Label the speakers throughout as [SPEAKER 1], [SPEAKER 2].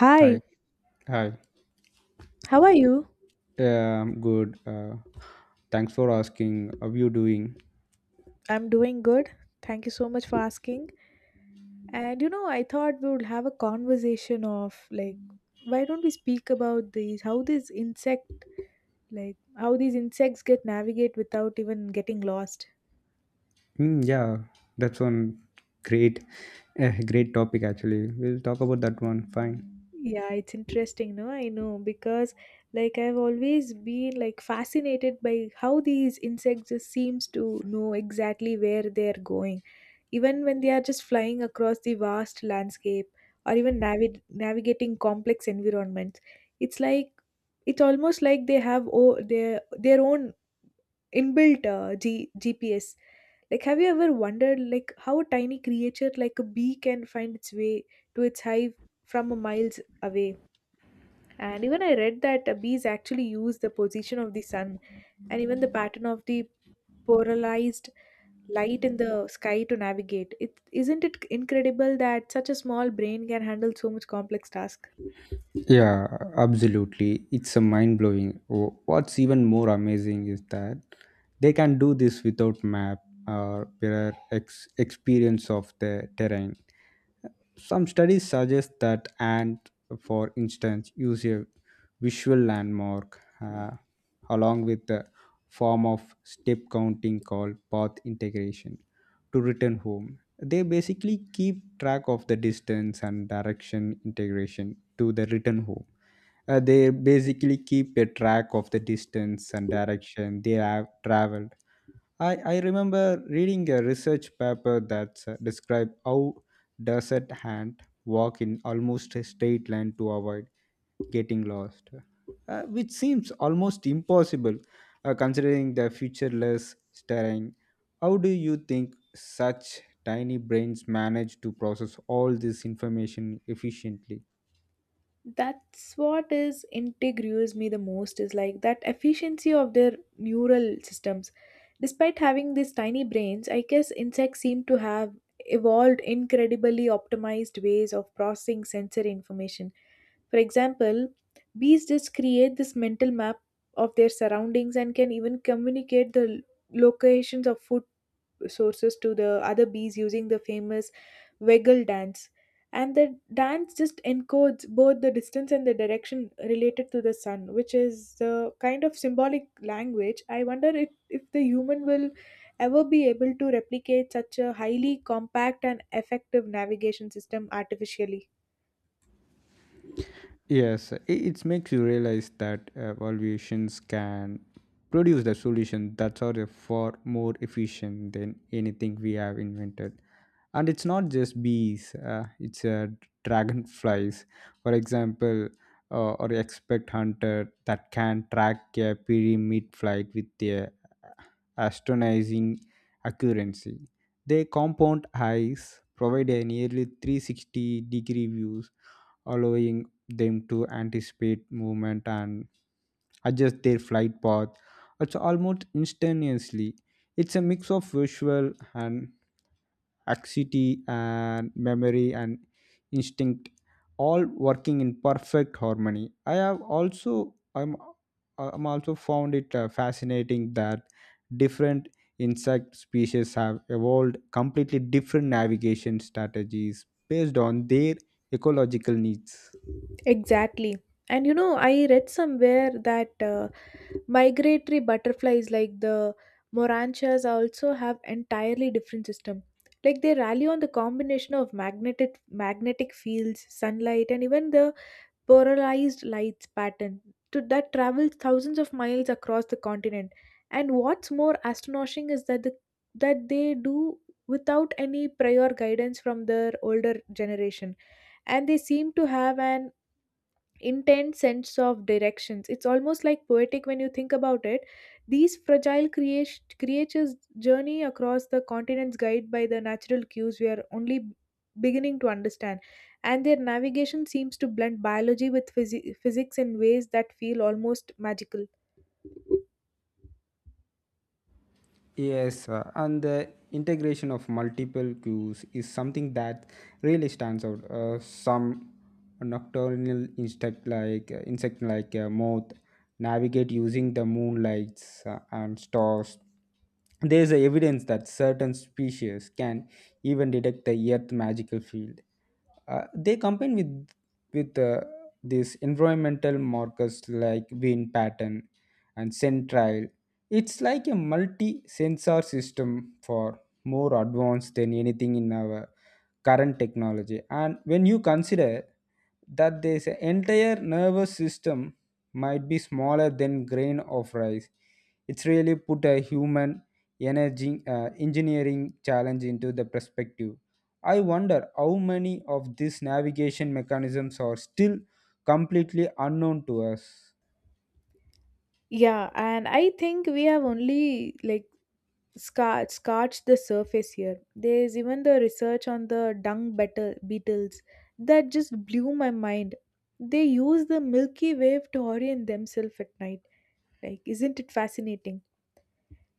[SPEAKER 1] Hi,
[SPEAKER 2] Hi, hi.
[SPEAKER 1] how are you?
[SPEAKER 2] Yeah, I'm good. Thanks for asking. How you doing?
[SPEAKER 1] I'm doing good. Thank you so much for asking. And you know, I thought we would have a conversation of like, why don't we speak about these, how these insect, like, how these insects get navigate without even getting lost?
[SPEAKER 2] Yeah, that's one great, great topic actually. We'll talk about that one. Fine.
[SPEAKER 1] Yeah, it's interesting, no? I know because like I've always been like fascinated by how these insects just seems to know exactly where they're going, even when they are just flying across the vast landscape or even navigating complex environments. It's like it's almost like they have their own inbuilt GPS. Like, have you ever wondered like how a tiny creature like a bee can find its way to its hive from a miles away? And even I read that bees actually use the position of the sun and even the pattern of the polarized light in the sky to navigate. It isn't it incredible that such a small brain can handle so much complex task?
[SPEAKER 2] Yeah, absolutely. It's a mind blowing. What's even more amazing is that they can do this without map or prior experience of the terrain. Some studies suggest that ant, for instance, use a visual landmark along with the form of step counting called path integration to return home, they basically keep track of the distance and direction integration to the return home. They basically keep a track of the distance and direction they have traveled. I remember reading a research paper that described how desert hand walk in almost a straight line to avoid getting lost, which seems almost impossible considering the futureless terrain. How do you think such tiny brains manage to process all this information efficiently?
[SPEAKER 1] That's what is intrigues me the most is like that efficiency of their neural systems despite having these tiny brains. I guess insects seem to have evolved incredibly optimized ways of processing sensory information. For example, bees just create this mental map of their surroundings and can even communicate the locations of food sources to the other bees using the famous waggle dance. And the dance just encodes both the distance and the direction related to the sun, which is the kind of symbolic language. I wonder if the human will ever be able to replicate such a highly compact and effective navigation system artificially.
[SPEAKER 2] Yes, it makes you realize that evaluations can produce the solution that are far more efficient than anything we have invented. And it's not just bees, it's dragonflies, for example, or expect hunter that can track a pyramid flight with their astonishing accuracy. Their compound eyes provide a nearly 360-degree views, allowing them to anticipate movement and adjust their flight path. It's almost instantaneously. It's a mix of visual and anxiety and memory and instinct, all working in perfect harmony. I'm also found it fascinating that different insect species have evolved completely different navigation strategies based on their ecological needs.
[SPEAKER 1] Exactly. And you know, I read somewhere that migratory butterflies like the moranchas also have entirely different system. Like they rally on the combination of magnetic magnetic fields, sunlight, and even the polarized lights pattern that travels thousands of miles across the continent. And what's more astonishing is that the that they do without any prior guidance from their older generation, and they seem to have an intense sense of directions. It's almost like poetic when you think about it. These fragile creatures journey across the continents guided by the natural cues we are only beginning to understand, and their navigation seems to blend biology with physics in ways that feel almost magical.
[SPEAKER 2] Yes, and the integration of multiple cues is something that really stands out. Some nocturnal insect like moth navigate using the moonlights and stars. There is evidence that certain species can even detect the Earth magical field. They combine with these environmental markers like wind pattern and scent trail. It's like a multi sensor system for more advanced than anything in our current technology. And when you consider that this entire nervous system might be smaller than grain of rice, it's really put a human energy engineering challenge into the perspective. I wonder how many of these navigation mechanisms are still completely unknown to us.
[SPEAKER 1] Yeah, and I think we have only like scorched the surface here. There's even the research on the beetles that just blew my mind. They use the Milky Way to orient themselves at night. Like, isn't it fascinating?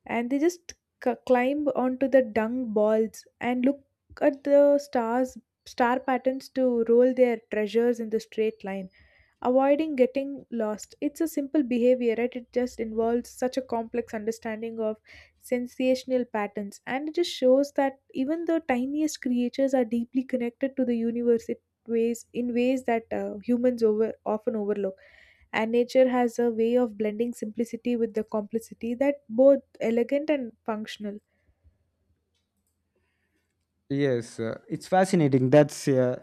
[SPEAKER 1] And they just climb onto the dung balls and look at the stars, star patterns to roll their treasures in the straight line avoiding getting lost. It's a simple behavior, right? It just involves such a complex understanding of sensational patterns. And it just shows that even the tiniest creatures are deeply connected to the universe. It ways in ways that humans over often overlook, and nature has a way of blending simplicity with the complexity that both elegant and functional.
[SPEAKER 2] Yes, it's fascinating that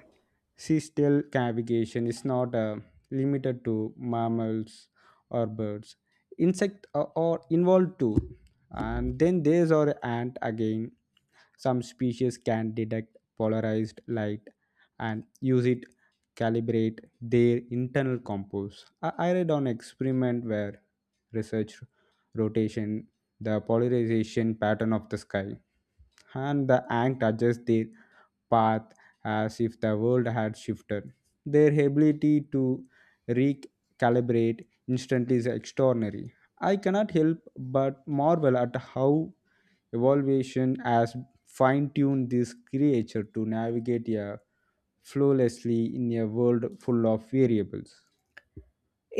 [SPEAKER 2] seasonal navigation is not limited to mammals or birds. Insects are involved too. And then there's our ant again. Some species can detect polarized light and use it calibrate their internal compost. I read on experiment where research rotation, the polarization pattern of the sky, and the ant adjusts their path as if the world had shifted. Their ability to recalibrate instantly is extraordinary. I cannot help but marvel at how evolution has fine tuned this creature to navigate flawlessly in a world full of variables.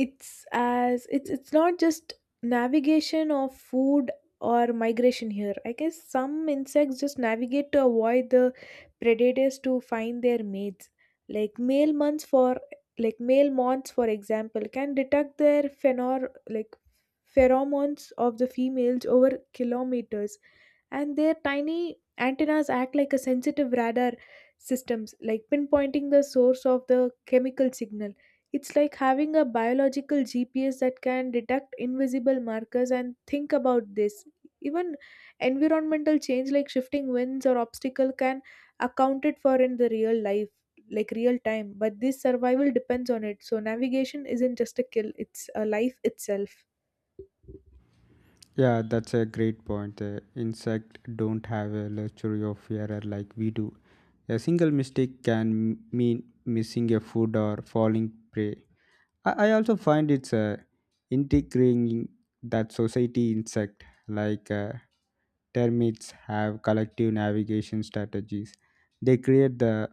[SPEAKER 1] It's as it's it's not just navigation of food or migration here. I guess some insects just navigate to avoid the predators, to find their mates, like male moths, for example, can detect their phenor like pheromones of the females over kilometers, and their tiny antennas act like a sensitive radar systems, like pinpointing the source of the chemical signal. It's like having a biological gps that can detect invisible markers. And think about this, even environmental change like shifting winds or obstacle can accounted for in the real life like real time. But this survival depends on it, so navigation isn't just a kill, it's a life itself.
[SPEAKER 2] Yeah, that's a great point. Insect don't have a luxury of error like we do. A single mistake can mean missing a food or falling prey. I also find it's integrating that society insect like termites have collective navigation strategies. They create the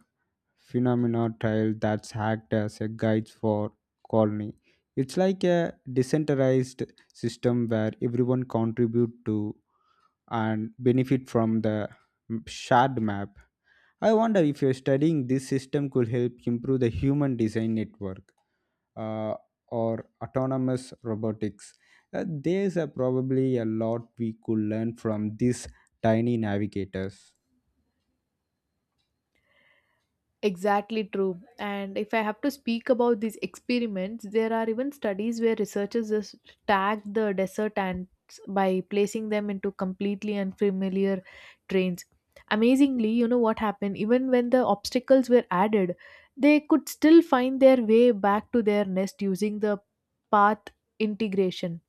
[SPEAKER 2] phenomena trail that's hacked as a guide for colony. It's like a decentralized system where everyone contribute to and benefit from the shared map. I wonder if you're studying this system could help improve the human design network uh, or autonomous robotics. There's a probably a lot we could learn from these tiny navigators.
[SPEAKER 1] Exactly true. And if I have to speak about these experiments, there are even studies where researchers just tag the desert ants by placing them into completely unfamiliar trains. Amazingly, you know what happened? Even when the obstacles were added, they could still find their way back to their nest using the path integration,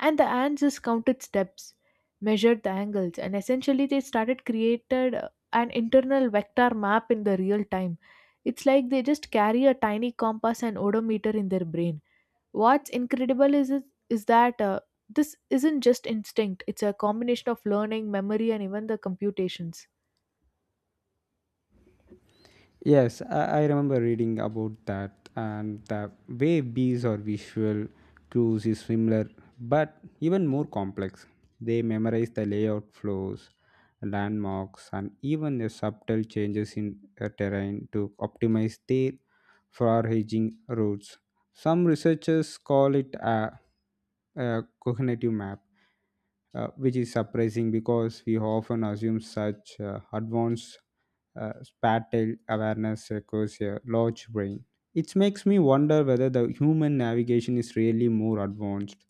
[SPEAKER 1] and the ants just counted steps, measured the angles, and essentially they started created an internal vector map in the real time. It's like they just carry a tiny compass and odometer in their brain. What's incredible is that this isn't just instinct, it's a combination of learning, memory, and even the computations.
[SPEAKER 2] Yes, I remember reading about that, and the way bees are visual cues is similar but even more complex. They memorize the layout flows, landmarks, and even the subtle changes in a terrain to optimize their foraging routes. Some researchers call it a cognitive map, which is surprising because we often assume such advanced spatial awareness requires a large brain. It makes me wonder whether the human navigation is really more advanced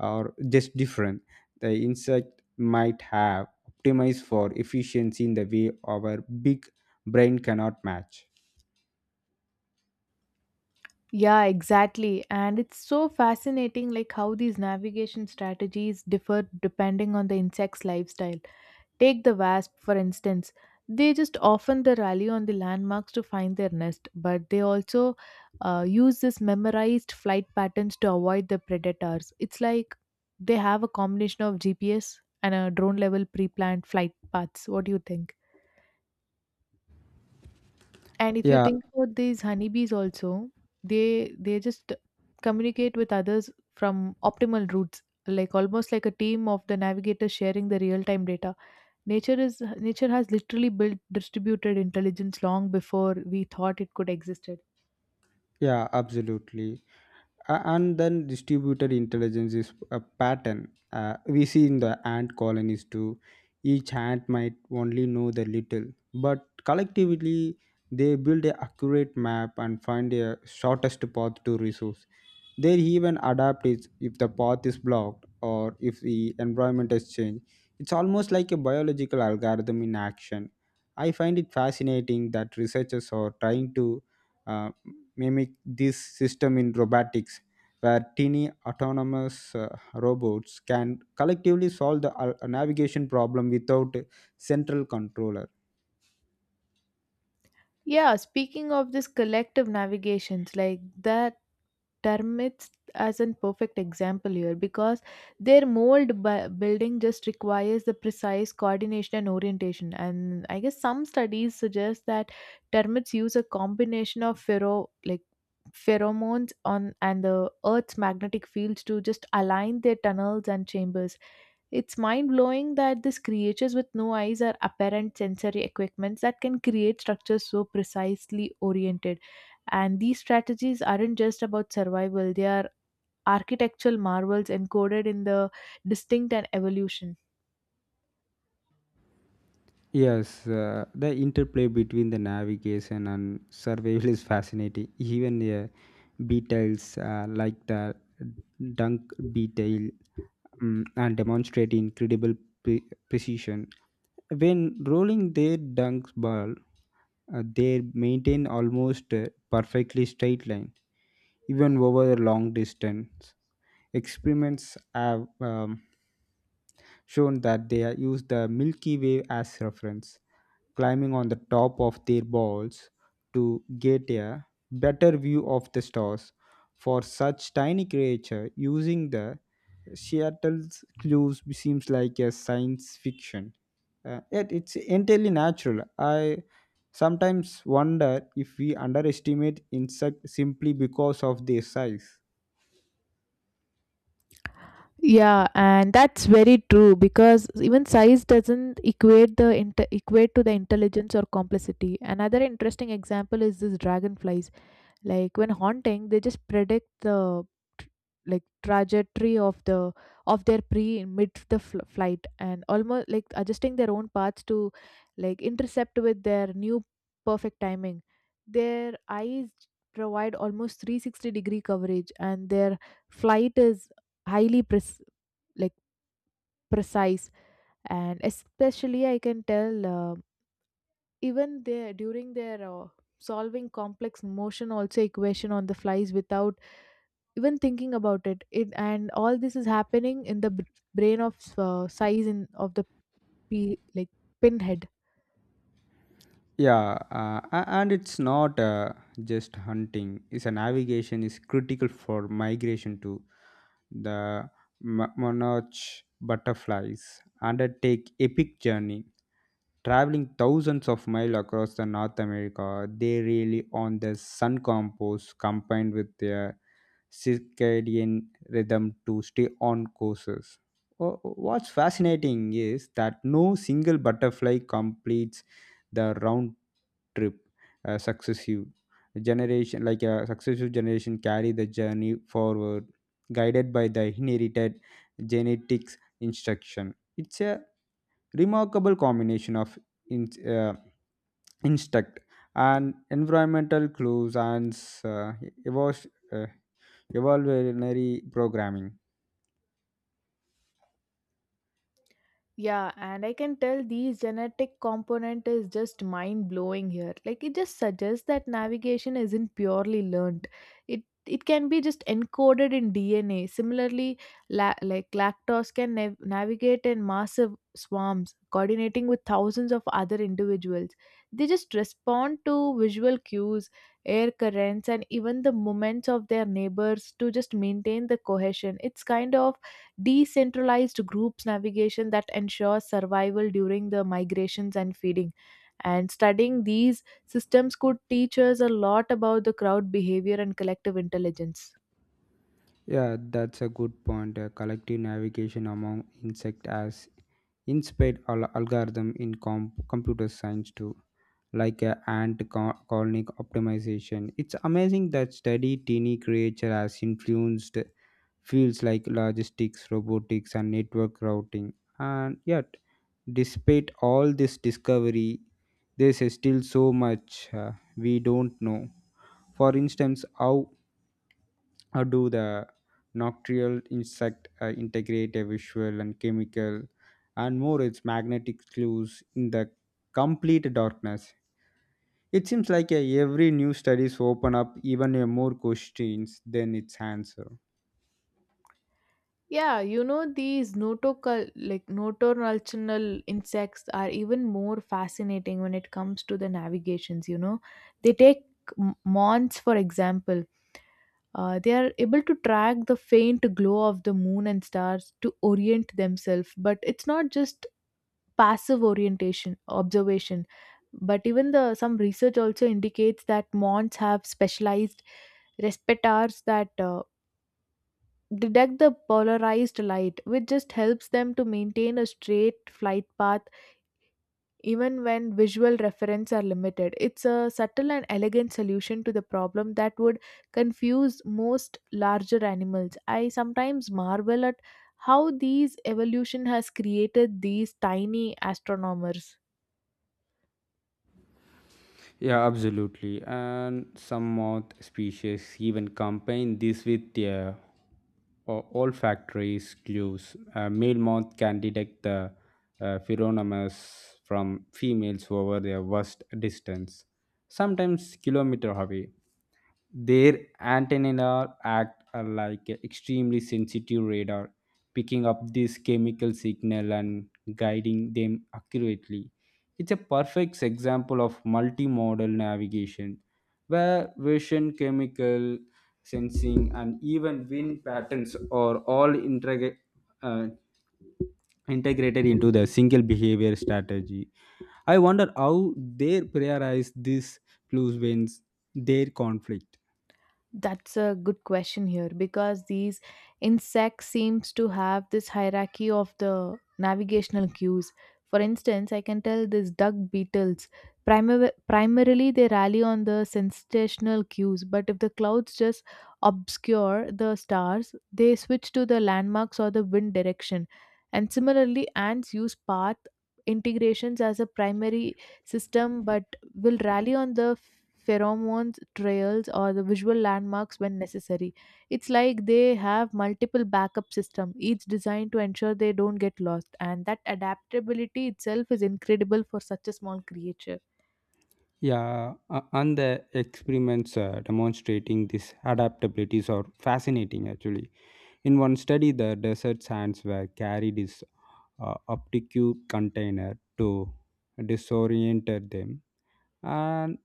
[SPEAKER 2] or just different. The insect might have optimized for efficiency in the way our big brain cannot match.
[SPEAKER 1] Yeah, exactly, and it's so fascinating like how these navigation strategies differ depending on the insect's lifestyle. Take the wasp, for instance. They just often they rally on the landmarks to find their nest, but they also use this memorized flight patterns to avoid the predators. It's like they have a combination of GPS and a drone level pre planned flight paths. What do you think? And if you
[SPEAKER 2] Yeah,
[SPEAKER 1] think about these honeybees also, they just communicate with others from optimal routes, like almost like a team of the navigators sharing the real time data. Nature has literally built distributed intelligence long before we thought it could existed.
[SPEAKER 2] yeah, absolutely. And then distributed intelligence is a pattern we see in the ant colonies too. Each ant might only know the little, but collectively they build a accurate map and find a shortest path to resource. They even adapt it if the path is blocked or if the environment has changed. It's almost like a biological algorithm in action. I find it fascinating that researchers are trying to uh, mimic this system in robotics, where teeny autonomous robots can collectively solve the navigation problem without a central controller.
[SPEAKER 1] Yeah, speaking of this collective navigations, like that termites as an perfect example here, because their building just requires the precise coordination and orientation, and I guess some studies suggest that termites use a combination of pheromones on and the earth's magnetic fields to just align their tunnels and chambers. It's mind blowing that these creatures with no eyes are apparent sensory equipments that can create structures so precisely oriented. And these strategies aren't just about survival, they are architectural marvels encoded in the distinct and evolution.
[SPEAKER 2] Yes, the interplay between the navigation and survival is fascinating. Even the beetles like the dunk beetle and demonstrate incredible precision. When rolling their dunk ball, they maintain almost a perfectly straight line, even over a long distance. Experiments have shown that use the Milky Way as reference, climbing on the top of their balls to get a better view of the stars. For such tiny creature, using the Seattle's clues seems like a science fiction. Yet it's entirely natural. I sometimes wonder if we underestimate insect simply because of their size.
[SPEAKER 1] Yeah, and that's very true, because even size doesn't equate to the intelligence or complexity. Another interesting example is this dragonflies, like when haunting they just predict the tr- trajectory of their pre mid the flight, and almost like adjusting their own paths to like intercept with their new perfect timing. Their eyes provide almost 360-degree coverage, and their flight is highly pres- like precise. And especially I can tell even their during their solving complex motion also equation on the flies without even thinking about it, it, and all this is happening in the brain of size in of the p like pinhead.
[SPEAKER 2] Yeah, and it's not just hunting. It's a navigation is critical for migration too. The monarch butterflies undertake epic journey, traveling thousands of miles across the North America. They really on the sun compost combined with their circadian rhythm to stay on courses. Wh- What's fascinating is that no single butterfly completes the round trip. Successive generation, like a successive generation, carry the journey forward, guided by the inherited genetics instruction. It's a remarkable combination of in, uh, instinct and environmental clues and uh, evo- uh, Evolutionary programming.
[SPEAKER 1] Yeah, and I can tell these genetic component is just mind blowing here. Like it just suggests that navigation isn't purely learned. It can be just encoded in DNA. Similarly, lactose can navigate in massive swarms, coordinating with thousands of other individuals. They just respond to visual cues, air currents, and even the movements of their neighbors to just maintain the cohesion. It's kind of decentralized groups navigation that ensures survival during the migrations and feeding. And studying these systems could teach us a lot about the crowd behavior and collective intelligence.
[SPEAKER 2] Yeah, that's a good point. Collective navigation among insect has inspired algorithm in computer science too, like ant colony optimization. It's amazing that study teeny creature has influenced fields like logistics, robotics, and network routing. And yet, despite all this discovery, there's still so much we don't know. For instance, how do the nocturnal insect integrate a visual and chemical and more its magnetic clues in the complete darkness. It seems like every new studies open up even more questions than its answer.
[SPEAKER 1] Yeah, you know these notocal like nocturnal insects are even more fascinating when it comes to the navigations, you know. They take months, for example. They are able to track the faint glow of the moon and stars to orient themselves, but it's not just passive orientation observation. But even the some research also indicates that mons have specialized respirators that detect the polarized light, which just helps them to maintain a straight flight path even when visual reference are limited. It's a subtle and elegant solution to the problem that would confuse most larger animals. I sometimes marvel at how these evolution has created these tiny astronomers.
[SPEAKER 2] Yeah, absolutely, and some moth species even combine this with a olfactory clues. A male moth can detect the pheromones from females over their vast distance, sometimes kilometer away. Their antennae act are like a extremely sensitive radar, picking up this chemical signal and guiding them accurately. It's a perfect example of multimodal navigation, where vision, chemical sensing, and even wind patterns are all uh, integrated into the single behavior strategy. I wonder how they prioritize these clues when their conflict.
[SPEAKER 1] That's a good question here, because these insects seems to have this hierarchy of the navigational cues. For instance, I can tell these duck beetles primarily they rally on the sensational cues, but if the clouds just obscure the stars, they switch to the landmarks or the wind direction. And similarly, ants use path integrations as a primary system, but will rally on the pheromones, trails, or the visual landmarks when necessary. It's like they have multiple backup systems, each designed to ensure they don't get lost, and that adaptability itself is incredible for such a small creature.
[SPEAKER 2] Yeah, and the experiments demonstrating these adaptabilities are fascinating actually. In one study, the desert sands were carried is obtuse container to disorient them, and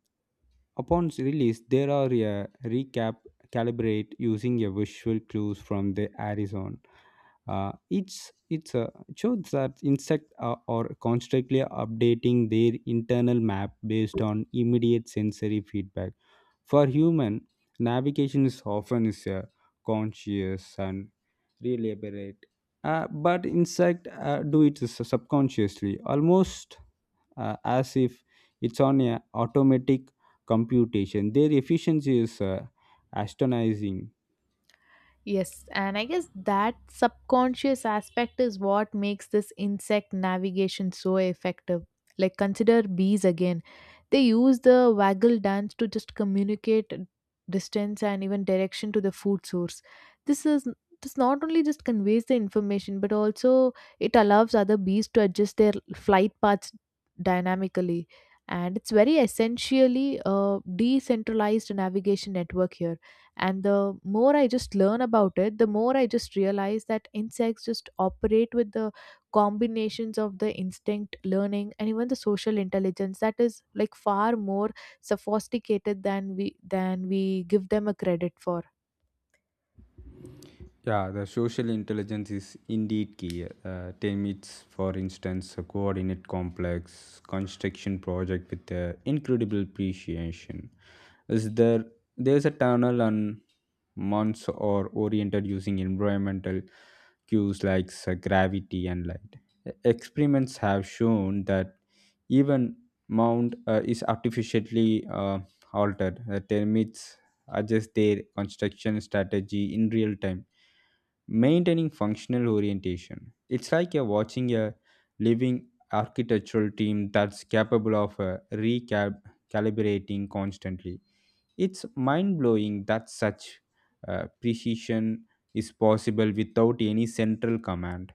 [SPEAKER 2] upon release, there are a recap calibrate using a visual clues from the horizon. It's shows that insects are constantly updating their internal map based on immediate sensory feedback. For human, navigation is often is conscious and deliberate, but insect do it subconsciously, almost as if it's on a automatic computation. Their efficiency is astonishing.
[SPEAKER 1] Yes, and I guess that subconscious aspect is what makes this insect navigation so effective. Like, consider bees again. They use the waggle dance to just communicate distance and even direction to the food source. This is this not only just conveys the information, but also it allows other bees to adjust their flight paths dynamically. And it's very essentially a decentralized navigation network here, and the more I just learn about it, the more I just realize that insects just operate with the combinations of the instinct, learning, and even the social intelligence that is like far more sophisticated than we give them a credit for.
[SPEAKER 2] Yeah, the social intelligence is indeed key. Temit's, for instance, a coordinate complex construction project with incredible appreciation. Is there there's a tunnel on months or oriented using environmental cues like gravity and light. Experiments have shown that even mound is artificially altered. The termites adjust their construction strategy in real time, maintaining functional orientation. It's like you're watching a living architectural team that's capable of recalibrating constantly. It's mind blowing that such precision is possible without any central command.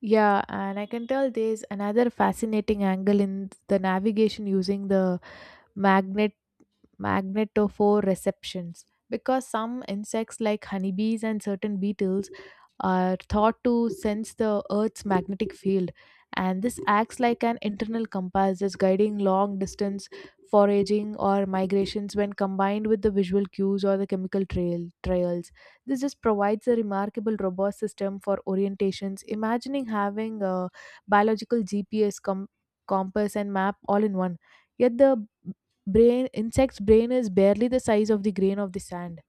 [SPEAKER 1] Yeah, and I can tell there's another fascinating angle in the navigation using the magnet magnetophore receptions because some insects like honeybees and certain beetles are thought to sense the Earth's magnetic field, and this acts like an internal compass, just guiding long distance foraging or migrations when combined with the visual cues or the chemical trails. This just provides a remarkable robust system for orientations. Imagining having a biological GPS compass and map all in one. Yet the brain insect's brain is barely the size of the grain of the sand.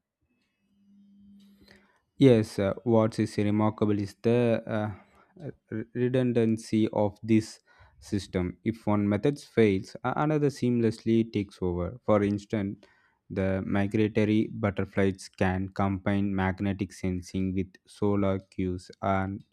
[SPEAKER 2] Yes, what is remarkable is the redundancy of this system. If one method fails, another seamlessly takes over. For instance, the migratory butterflies can combine magnetic sensing with solar cues and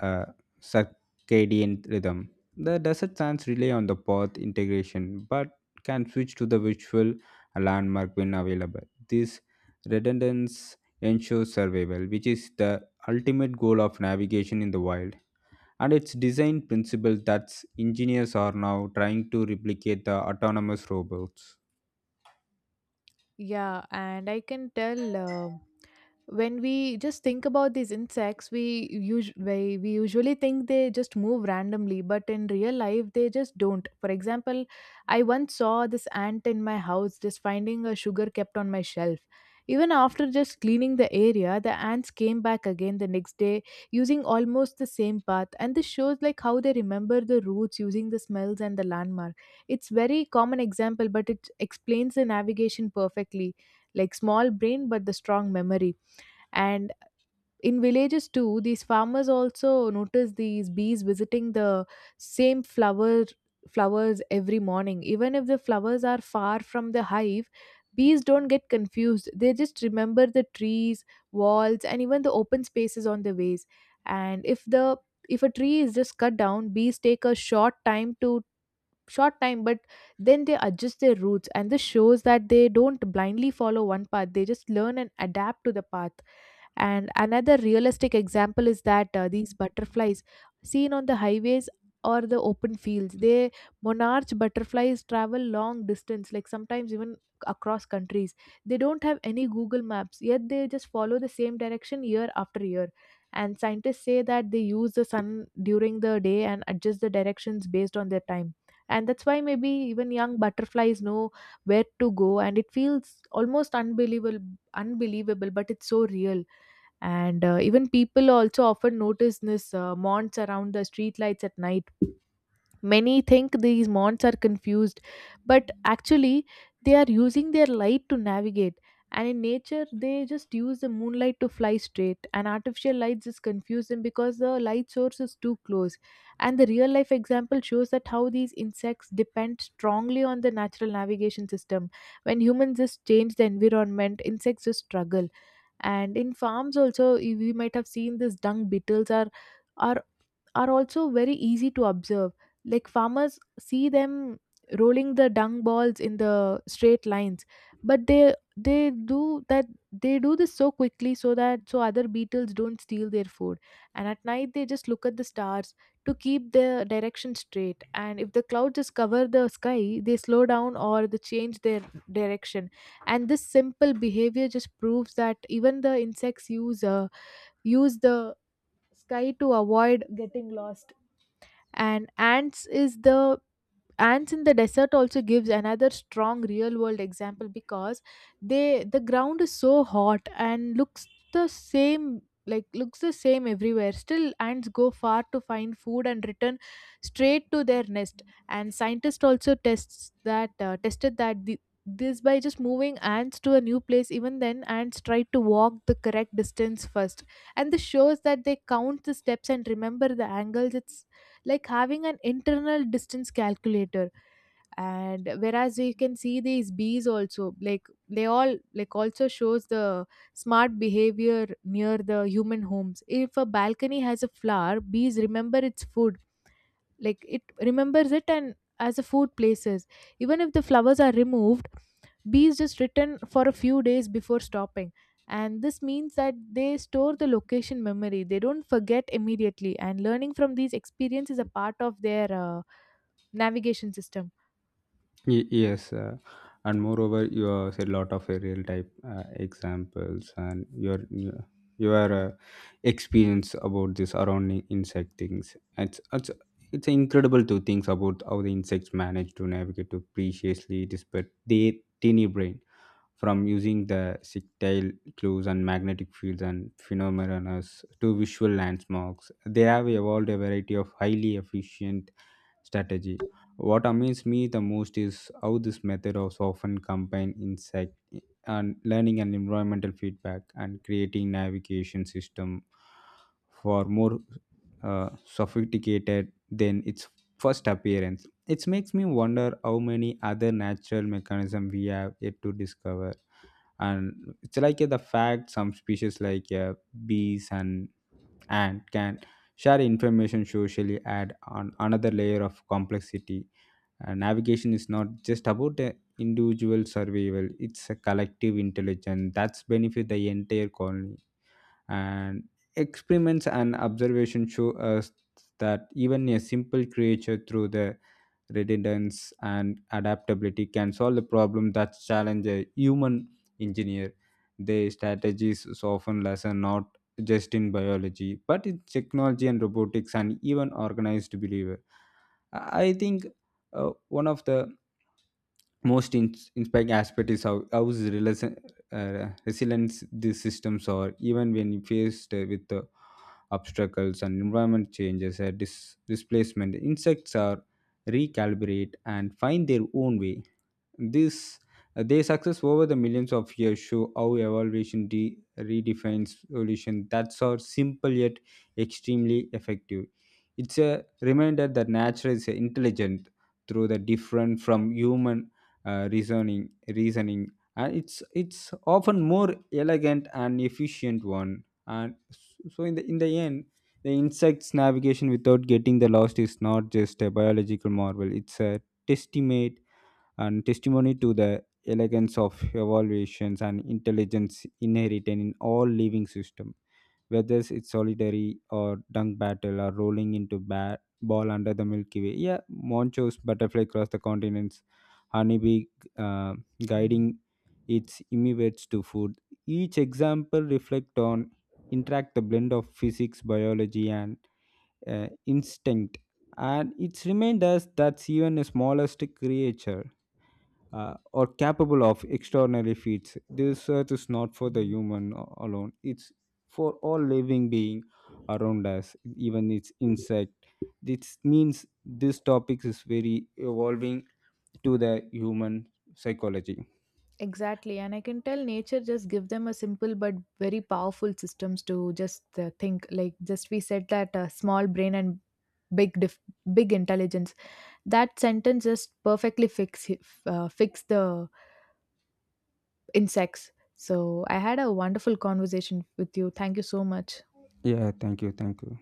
[SPEAKER 2] uh, circadian rhythm. The desert sands rely on the path integration but can switch to the visual landmark when available. This redundancy ensure survival, which is the ultimate goal of navigation in the wild. And its design principle that engineers are now trying to replicate the autonomous robots.
[SPEAKER 1] Yeah and I can tell, when we just think about these insects, we usually think they just move randomly, but in real life they just don't. For example, I once saw this ant in my house just finding a sugar kept on my shelf. Even after just cleaning the area, the ants came back again the next day using almost the same path, and this shows like how they remember the routes using the smells and the landmark. It's very common example, but it explains the navigation perfectly. Like, small brain but the strong memory. And in villages too, these farmers also notice these bees visiting the same flower flowers every morning. Even if the flowers are far from the hive, bees don't get confused. They just remember the trees, walls, and even the open spaces on the ways. And if a tree is just cut down, bees take a short time to short time, but then they adjust their routes, and this shows that they don't blindly follow one path. They just learn and adapt to the path. And another realistic example is that, these butterflies seen on the highways or the open fields, they, monarch butterflies travel long distance, like sometimes even across countries. They don't have any Google Maps, yet they just follow the same direction year after year. And scientists say that they use the sun during the day and adjust the directions based on their time. And that's why maybe even young butterflies know where to go, and it feels almost unbelievable, but it's so real. And even people also often notice this, monts around the streetlights at night. Many think these monts are confused, but actually they are using their light to navigate. And in nature they just use the moonlight to fly straight, and artificial lights just confuse them because the light source is too close. And the real life example shows that how these insects depend strongly on the natural navigation system. When humans just change the environment, insects just struggle. And in farms also, we might have seen these dung beetles are are also very easy to observe. Like, farmers see them rolling the dung balls in the straight lines, but they do this so quickly so that so other beetles don't steal their food. And at night they just look at the stars to keep the direction straight. And if the clouds just cover the sky, they slow down or they change their direction. And this simple behavior just proves that even the insects use the sky to avoid getting lost. And ants in the desert also gives another strong real world example because the ground is so hot and looks the same everywhere. Still, ants go far to find food and return straight to their nest. And scientists also tests that tested that, this by just moving ants to a new place. Even then, ants try to walk the correct distance first, and this shows that they count the steps and remember the angles. It's like having an internal distance calculator. And whereas we can see these bees also, like, they all like also shows the smart behavior near the human homes. If a balcony has a flower, bees remember its food, like it remembers it and as a food places. Even if the flowers are removed, bees just return for a few days before stopping. And this means that they store the location memory. They don't forget immediately, and learning from these experiences is a part of their navigation system.
[SPEAKER 2] Yes, and moreover, you have said a lot of real type examples and your experience about this around insect things. It's incredible to think about how the insects manage to navigate to preciously despite their tiny brain, from using the tactile clues and magnetic fields and phenomena to visual landmarks. They have evolved a variety of highly efficient strategy. What amazes me the most is how this method also often combine insight and learning and environmental feedback and creating navigation system for more sophisticated than its first appearance. It makes me wonder how many other natural mechanisms we have yet to discover. And it's like the fact some species like bees and ant can share information socially add on another layer of complexity, and navigation is not just about individual survival. It's a collective intelligence that's benefit the entire colony. And experiments and observation show us that even a simple creature through the redundancy and adaptability can solve the problem that challenge a human engineer. Their strategies is often lesson not just in biology but in technology and robotics and even organized behavior. I think uh, one of the most inspiring aspect is how is relation, resilience these systems are, even when faced with obstacles and environment changes, displacement insects are recalibrate and find their own way. This their success over the millions of years show how evolution redefines evolution. That's how simple yet extremely effective. It's a reminder that nature is intelligent through the different from human reasoning, and it's often more elegant and efficient one. And so in the end, the insects navigation without getting the lost is not just a biological marvel. It's a testament and testimony to the elegance of evaluations and intelligence inherent in all living system, whether it's solitary or dung battle or rolling into bat ball under the milky way, yeah, monchos butterfly across the continents, honeybee uh, guiding its immigrants to food. Each example reflect on interact the blend of physics biology and instinct, and it's remind us that even the smallest creature or capable of extraordinary feats. This earth is not for the human alone, it's for all living being around us, even its insect. This means this topic is very evolving to the human psychology.
[SPEAKER 1] Exactly, and I can tell nature just give them a simple but very powerful systems to just, think, like, just we said that, small brain and big dif- big intelligence. That sentence just perfectly fix the insects. So I had a wonderful conversation with you. Thank you so much.
[SPEAKER 2] Yeah, thank you, thank you.